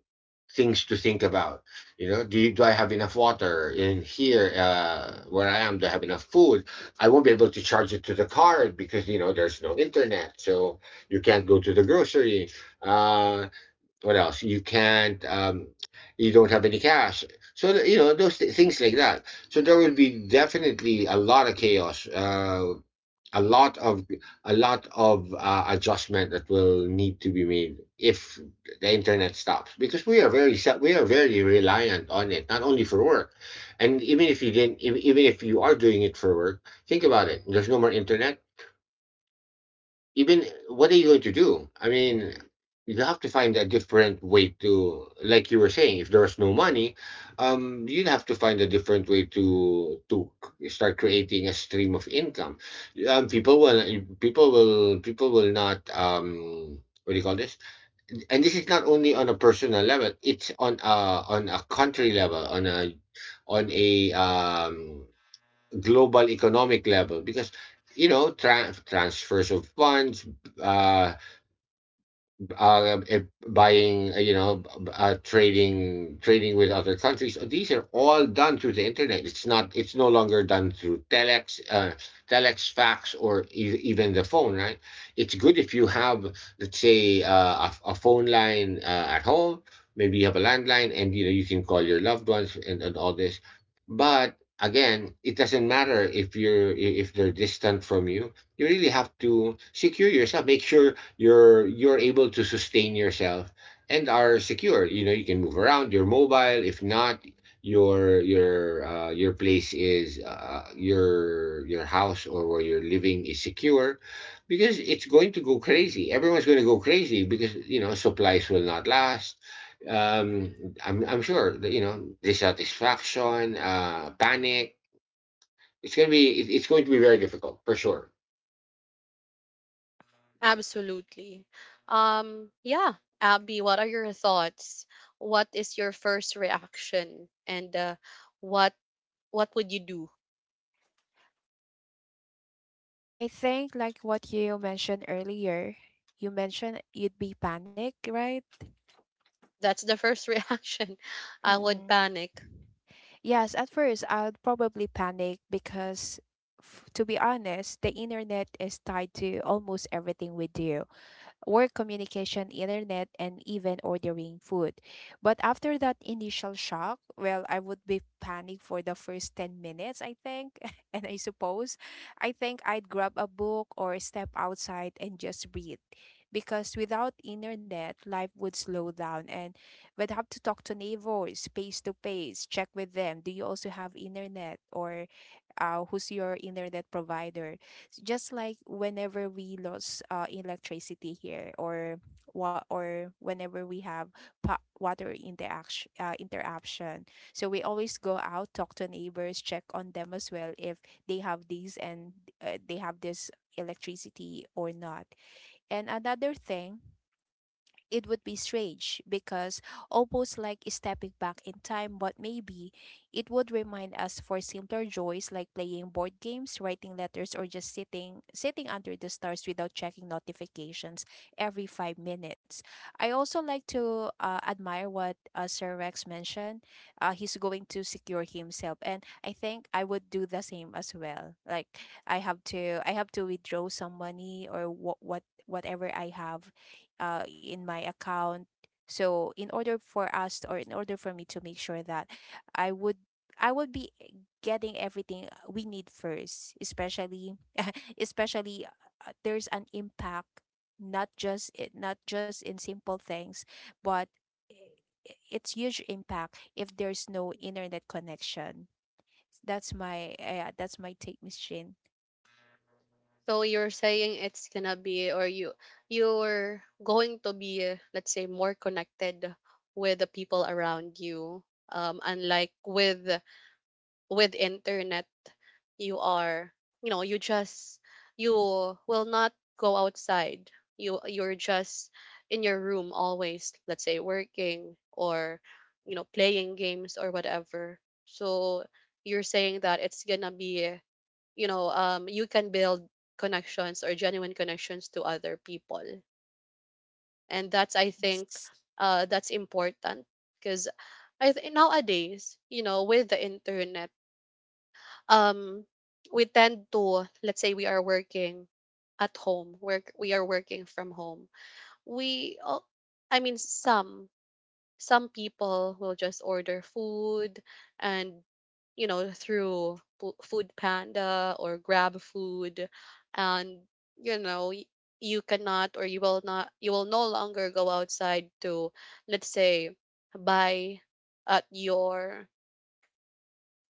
[SPEAKER 2] things to think about. You know, do I have enough water in here where I am? Do I have enough food? I won't be able to charge it to the card because you know there's no internet, so you can't go to the grocery. Uh, what else? You can't, you don't have any cash. So, you know, those things like that. So there will be definitely a lot of chaos, a lot of, a lot of adjustment that will need to be made if the internet stops because we are we are very reliant on it, not only for work. And even if you didn't, even if you are doing it for work, think about it. There's no more internet, even what are you going to do? You have to find a different way to, like you were saying, if there's no money, you'd have to find a different way to start creating a stream of income. Um, people will, People will not. What do you call this? And this is not only on a personal level; it's on a country level, on a on a global economic level because you know transfers of funds uh, uh, eh, buying, trading with other countries. So these are all done through the internet. It's not. It's no longer done through telex, telex, fax, or even the phone. Right. It's good if you have, let's say, a, a phone line at home. Maybe you have a landline, and you know you can call your loved ones and all this. But again, it doesn't matter if if they're distant from you. You really have to secure yourself. Make sure you're able to sustain yourself and are secure, you know, you can move around, you're mobile if not your place is your house or where you're living is secure, because it's going to go crazy, everyone's going to go crazy because you know supplies will not last. I'm sure that, you know, dissatisfaction, uh, panic, it's going to be, it's going to be very difficult for sure.
[SPEAKER 1] Absolutely. Yeah, Abby, what are your thoughts? What is your first reaction? And, what what would you do?
[SPEAKER 3] I think like what you mentioned earlier, you mentioned you'd be panic, right?
[SPEAKER 1] That's the first reaction. I would
[SPEAKER 3] Mm-mm.
[SPEAKER 1] panic.
[SPEAKER 3] Yes, at first I'd probably panic because, to be honest, the internet is tied to almost everything we do: work, communication, internet, and even ordering food. But after that initial shock, well, I would be panicked for the first 10 minutes, I think. and I suppose I think I'd grab a book or step outside and just breathe. Because without internet, life would slow down and we'd have to talk to neighbors face to face, check with them. Do you also have internet? Or who's your internet provider? Just like whenever we lost electricity here, or what, or whenever we have water interaction, interruption. So we always go out, talk to neighbors, check on them as well if they have these and they have this electricity or not. And another thing, it would be strange because almost like stepping back in time, but maybe it would remind us for simpler joys like playing board games, writing letters, or just sitting under the stars without checking notifications every 5 minutes. I also like to admire what Sir Rex mentioned. He's going to secure himself, and I think I would do the same as well. Like, I have to withdraw some money, or what whatever I have in my account. So in order for us, or in order for me, to make sure that I would I would be getting everything we need first, especially, especially there's an impact, not just in simple things, but i- it's huge impact if there's no internet connection. That's my, yeah, that's my take, Miss Shin.
[SPEAKER 1] So you're saying it's gonna be, or you you're going to be, let's say, more connected with the people around you. Unlike with internet, you are, you know, you just you will not go outside, you you're just in your room always, let's say, working or, you know, playing games or whatever. So you're saying that it's gonna be, you know, um, you can build connections or genuine connections to other people, and that's I think,
[SPEAKER 3] Yes.
[SPEAKER 1] uh, that's important because I think nowadays, you know, with the internet, um, we tend to, let's say, we are working at home work, we are working from home, we al- I mean some people will just order food and, you know, through food panda or grab food, and, you know, you cannot or you will not you will no longer go outside to, let's say, buy at your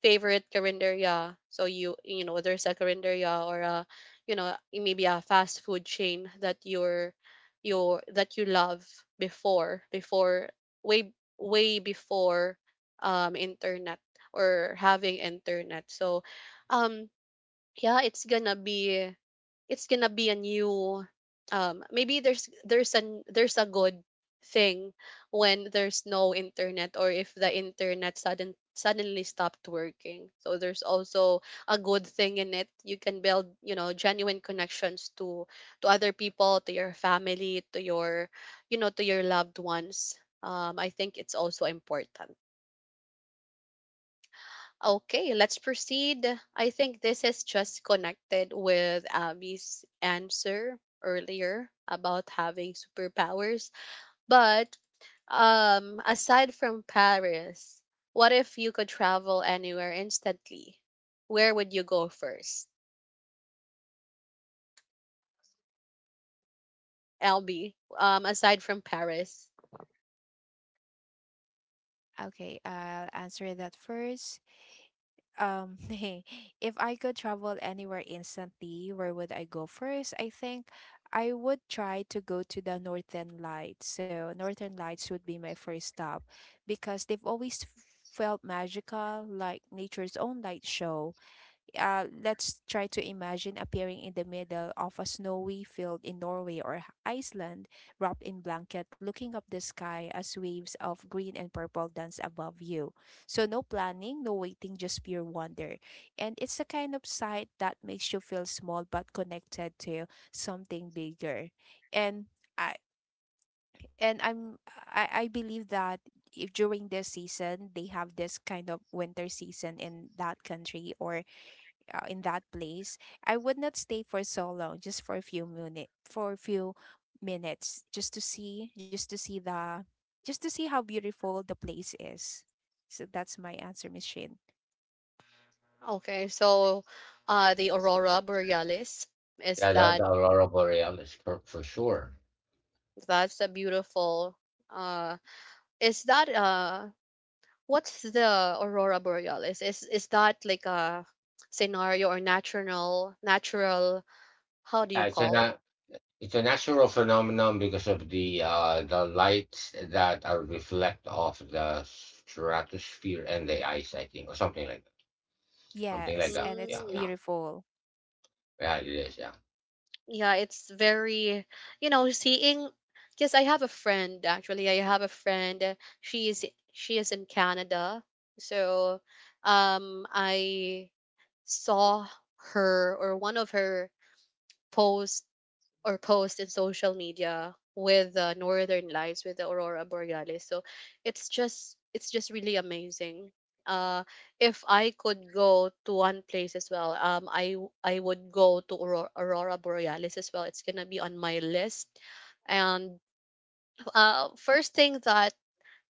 [SPEAKER 1] favorite carinderia. So you know, there's a carinderia or a, you know, maybe a fast food chain that you're you that you love before before way way before, um, internet or having internet. So, um, yeah, it's gonna be a new, um, maybe there's an there's a good thing when there's no internet, or if the internet sudden suddenly stopped working. So there's also a good thing in it. You can build, you know, genuine connections to other people, to your family, to your, you know, to your loved ones. Um, I think it's also important. Okay, let's proceed. I think this is just connected with Abby's answer earlier about having superpowers. But, aside from Paris, what if you could travel anywhere instantly? Where would you go first? LB, aside from Paris.
[SPEAKER 3] Okay, I'll answer that first. Hey, if I could travel anywhere instantly, where would I go first? I think I would try to go to the Northern Lights. So Northern Lights would be my first stop because they've always felt magical, like nature's own light show. Let's try to imagine appearing in the middle of a snowy field in Norway or Iceland, wrapped in blanket, looking up the sky as waves of green and purple dance above you. So, no planning, no waiting, just pure wonder. And it's a kind of sight that makes you feel small but connected to something bigger. And I, and I'm I believe that if during this season they have this kind of winter season in that country or in that place, I would not stay for so long, just for a few minutes, just to see, just to see how beautiful the place is. So that's my answer, Miss Shin.
[SPEAKER 1] Okay, so, the Aurora Borealis, is
[SPEAKER 2] Yeah, that
[SPEAKER 1] that
[SPEAKER 2] that aurora borealis for sure.
[SPEAKER 1] that's a beautiful, uh, is that, uh, what's the aurora borealis? Is that like a scenario or natural natural, how do you
[SPEAKER 2] Yeah,
[SPEAKER 1] call it?
[SPEAKER 2] it's a natural phenomenon because of the lights that are reflect off the stratosphere and the ice, I think, or something like that. Something like
[SPEAKER 3] Yes,
[SPEAKER 2] that.
[SPEAKER 3] and it's
[SPEAKER 1] Mm,
[SPEAKER 2] Yeah,
[SPEAKER 3] beautiful.
[SPEAKER 2] yeah. It is. Yeah.
[SPEAKER 1] yeah, it's very, you know, seeing because I have a friend actually. I have a friend, she is she is in Canada. So, um, I saw her or one of her posts or post in social media with the northern lights, with the aurora borealis. So it's just really amazing. Uh, if I could go to one place as well, um, I would go to aurora borealis as well. It's gonna be on my list. And, uh, first thing that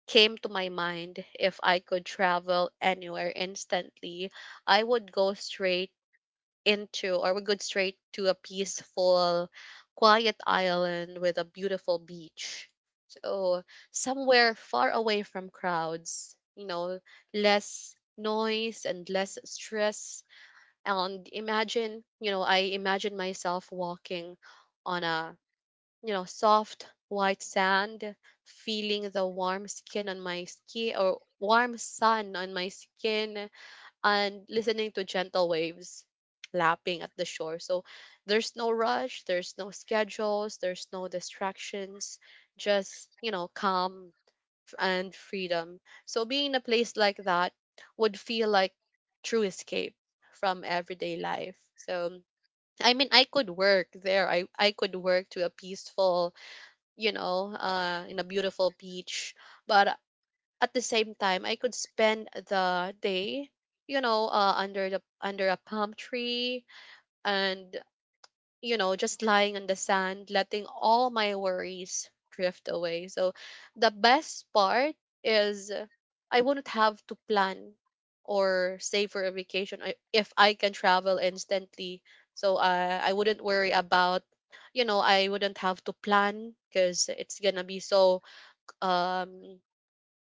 [SPEAKER 1] came to my mind, if I could travel anywhere instantly, I would go straight into, or we go straight to a peaceful, quiet island with a beautiful beach. So somewhere far away from crowds, you know, less noise and less stress. And imagine, you know, I imagine myself walking on a, you know, soft white sand, feeling the warm skin on my skin or warm sun on my skin, and listening to gentle waves lapping at the shore. So there's no rush, there's no schedules, there's no distractions, just, you know, calm and freedom. So being in a place like that would feel like true escape from everyday life. So I mean, I could work there. I could work to a peaceful, you know, uh, in a beautiful beach, but at the same time I could spend the day, you know, under the under a palm tree, and, you know, just lying on the sand, letting all my worries drift away. So the best part is, I wouldn't have to plan or save for a vacation if I can travel instantly. So, I wouldn't worry about, you know, I wouldn't have to plan because it's gonna be so, um,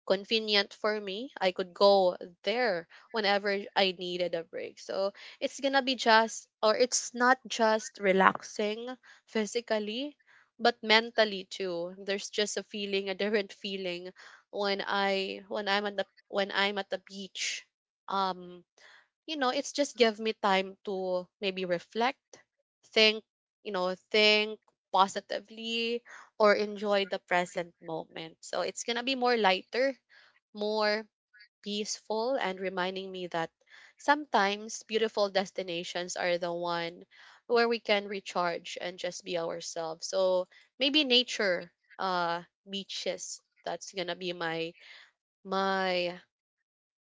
[SPEAKER 1] convenient for me. I could go there whenever I needed a break. So it's gonna be just, or it's not just relaxing physically, but mentally too. There's just a feeling, a different feeling when I when I'm at the when I'm at the beach. Um, you know, it's just give me time to maybe reflect, think, you know, think positively or enjoy the present moment. So it's gonna be more lighter, more peaceful, and reminding me that sometimes beautiful destinations are the one where we can recharge and just be ourselves. So maybe nature, uh, beaches. That's gonna be my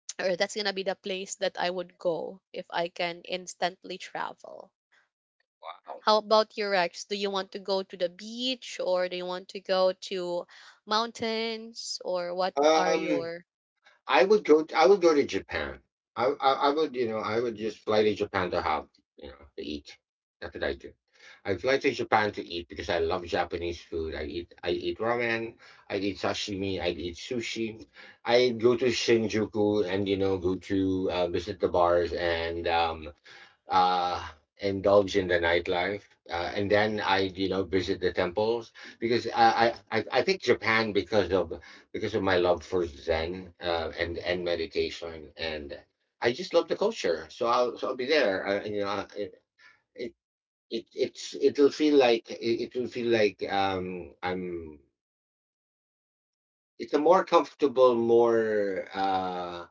[SPEAKER 1] or that's gonna be the place that I would go if I can instantly travel.
[SPEAKER 2] Wow.
[SPEAKER 1] How about your Rex? Do you want to go to the beach or do you want to go to mountains, or what are
[SPEAKER 2] Um.
[SPEAKER 1] your—
[SPEAKER 2] I would go to Japan. I would, you know, I would just fly to Japan to have, you know, to eat. That's what I do. I fly to Japan to eat because I love Japanese food. I eat ramen. I eat sashimi. I eat sushi. I go to Shinjuku, and you know, go to visit the bars and uh, indulge in the nightlife, and then I, you know, visit the temples because I think Japan because of my love for Zen, and meditation, and I just love the culture. So I'll be there. You know, it it's, it will feel like I'm. It's a more comfortable, more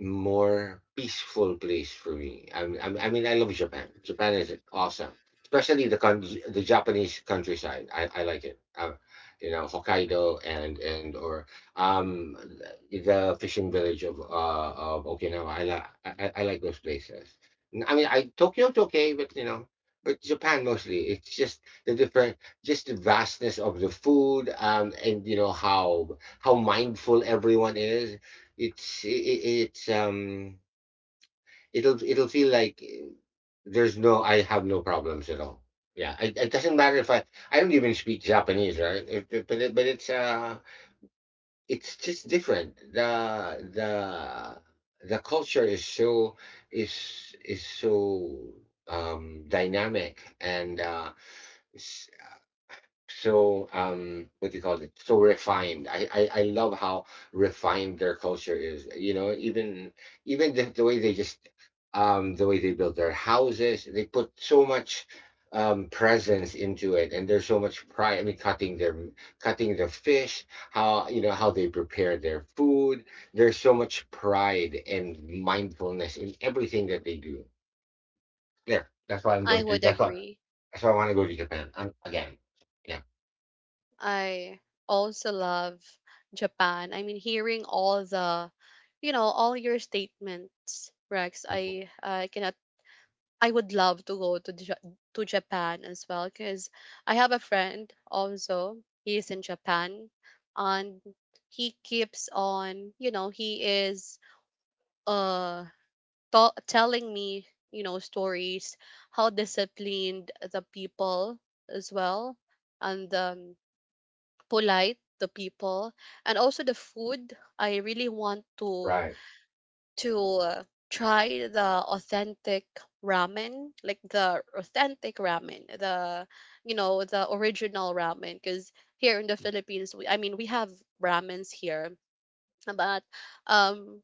[SPEAKER 2] more peaceful place for me. I mean, I love Japan. Japan is awesome, especially the Japanese countryside. I like it. You know, Hokkaido and or um the fishing village of Okinawa. I like those places. I mean, I Tokyo's okay, but you know. But Japan mostly, it's just the different, just the vastness of the food, and you know how mindful everyone is, it's it it's um it'll it'll feel like there's no, I have no problems at all. Yeah, it doesn't matter if I don't even speak Japanese, right? But it, but it's just different. The culture is so is so dynamic and so um, what do you call it, so refined. I love how refined their culture is, you know, even the way they just the way they build their houses, they put so much presence into it, and there's so much pride. I mean, cutting the fish, how you know how they prepare their food, there's so much pride and mindfulness in everything that they do there.
[SPEAKER 1] I would
[SPEAKER 2] That's why
[SPEAKER 1] agree.
[SPEAKER 2] I want to go to Japan again. Yeah.
[SPEAKER 1] I also love Japan. I mean, hearing all the, you know, all your statements, Rex. I cannot. I would love to go to to Japan as well, because I have a friend also. He is in Japan, and he keeps on. You know, he is uh telling me, you know, stories how disciplined the people as well, and um, polite, the people, and also the food. I really want
[SPEAKER 2] Right.
[SPEAKER 1] to try the authentic ramen, like the authentic ramen, the, you know, the original ramen. Because here in the Philippines, we, I mean, we have ramens here, but um,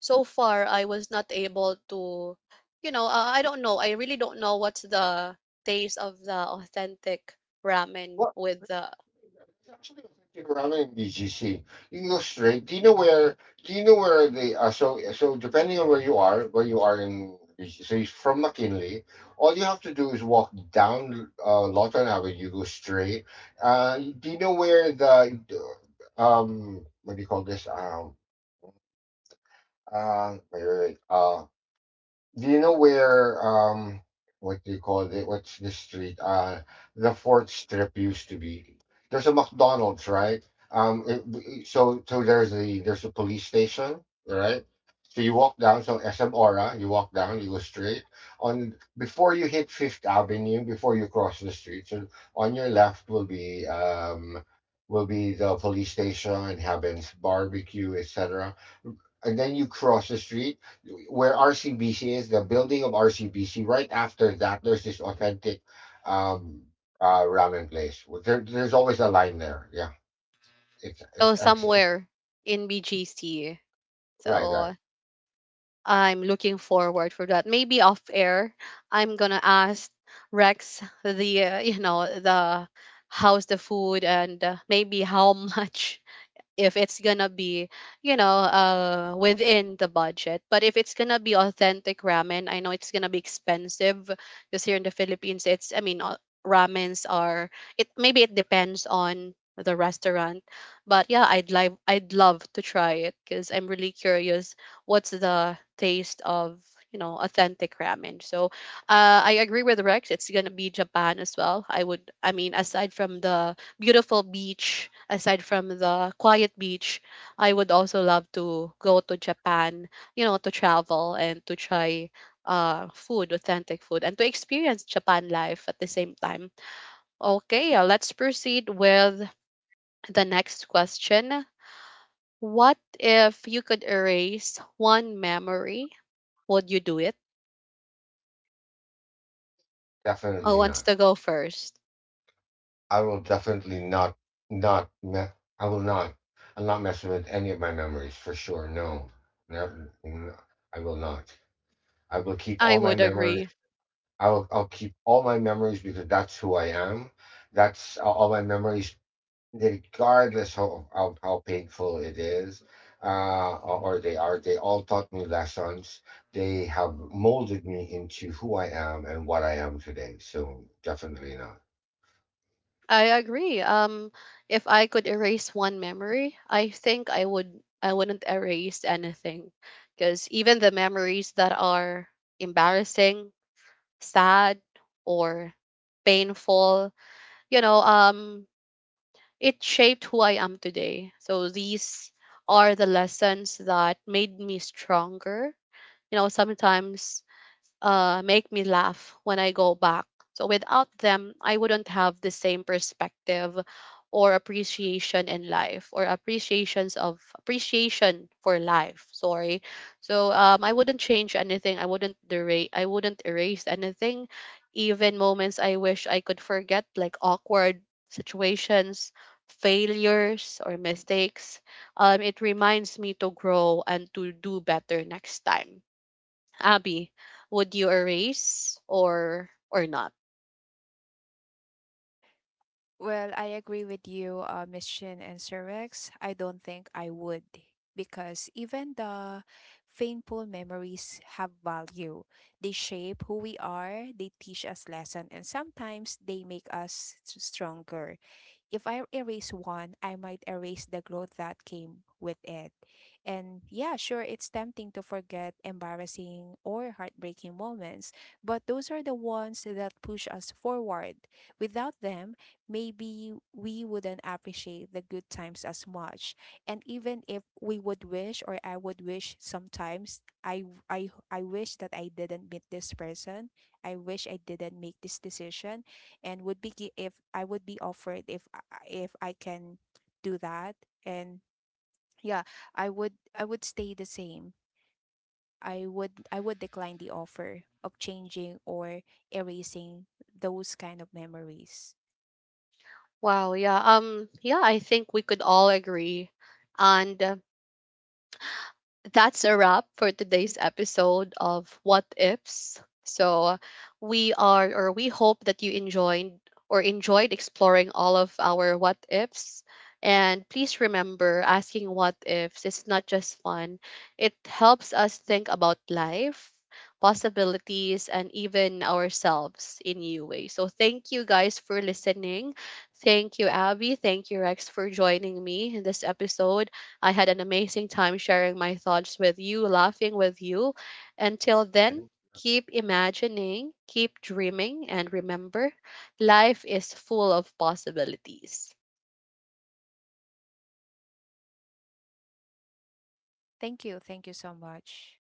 [SPEAKER 1] so far I was not able to, you know, I don't know. I really don't know what's the taste of the authentic ramen with the—
[SPEAKER 2] It's actually a 50 around in BGC. You can go straight. Do you know where? Do you know where they so so depending on where you are in BGC, so you're from McKinley, all you have to do is walk down Lawton Avenue. You go straight. Do you know where the what do you call this wait wait wait do you know where what do you call it? What's the street? The Fourth Strip used to be. There's a McDonald's, right? Um, it- so there's a police station, right? So you walk down, so SM Aura, you walk down, you go straight on before you hit Fifth Avenue, before you cross the street. So on your left will be the police station, Heaven's Barbecue, etc, and then you cross the street where RCBC is, the building of RCBC. Right after that, there's this authentic um, ramen place. Well, there, there's always a line there. Yeah, it's it's,
[SPEAKER 1] So
[SPEAKER 2] ex- it-
[SPEAKER 1] somewhere in BGC.
[SPEAKER 2] right, right.
[SPEAKER 1] So I'm looking forward for that. Maybe off air, I'm gonna ask Rex the you know, the how's the food, and maybe how much, if it's gonna be, you know, uh, within the budget. But if it's gonna be authentic ramen, I know it's gonna be expensive, because here in the Philippines, it's, I mean, ramens are, it maybe it depends on the restaurant. But yeah, I'd love to try it, because I'm really curious what's the taste of, you know, authentic ramen. So I agree with Rex, it's gonna be Japan as well. I would, I mean, aside from the beautiful beach, aside from the quiet beach, I would also love to go to Japan, you know, to travel and to try food, authentic food, and to experience Japan life at the same time. Okay, let's proceed with the next question. What if you could erase one memory? Would you do it? Who
[SPEAKER 2] Definitely
[SPEAKER 1] wants
[SPEAKER 2] not.
[SPEAKER 1] to go first?
[SPEAKER 2] I will definitely not not. I will not. I'll not mess with any of my memories for sure. No, never. I will not. I will keep
[SPEAKER 1] I
[SPEAKER 2] all my
[SPEAKER 1] would
[SPEAKER 2] memories.
[SPEAKER 1] agree.
[SPEAKER 2] I will. I'll keep all my memories because that's who I am. That's all my memories regardless of how painful it is, or they are, they all taught me lessons, they have molded me into who I am and what I am today. So definitely not.
[SPEAKER 1] I agree. If I could erase one memory, I think I would. I wouldn't erase anything, because even the memories that are embarrassing, sad, or painful, you know, it shaped who I am today. So these are the lessons that made me stronger. You know, sometimes, make me laugh when I go back. So without them, I wouldn't have the same perspective or appreciation in life, or appreciations of appreciation for life. Sorry. So I wouldn't change anything. I wouldn't derate. I wouldn't erase anything, even moments I wish I could forget, like awkward situations, failures, or mistakes. It reminds me to grow and to do better next time. Abby, would you erase or not?
[SPEAKER 3] Well, I agree with you, Miss Shin and Sir Rex. I don't think I would, because even the painful memories have value. They shape who we are, they teach us lesson, and sometimes they make us stronger. If I erase one, I might erase the growth that came with it. And yeah, sure, it's tempting to forget embarrassing or heartbreaking moments, but those are the ones that push us forward. Without them, maybe we wouldn't appreciate the good times as much. And even if we would wish, or I would wish sometimes, I wish that I didn't meet this person, I wish I didn't make this decision, and would be if I would be offered, if I can do that. And yeah, I would stay the same. I would decline the offer of changing or erasing those kind of memories.
[SPEAKER 1] Wow, yeah. Um, yeah, I think we could all agree. And that's a wrap for today's episode of What Ifs. So we are or we hope that you enjoyed or enjoyed exploring all of our what ifs. And please remember, asking what ifs is not just fun. It helps us think about life, possibilities, and even ourselves in new ways. So thank you guys for listening. Thank you, Abby. Thank you, Rex, for joining me in this episode. I had an amazing time sharing my thoughts with you, laughing with you. Until then, keep imagining, keep dreaming, and remember, life is full of possibilities.
[SPEAKER 3] Thank you, thank you so much.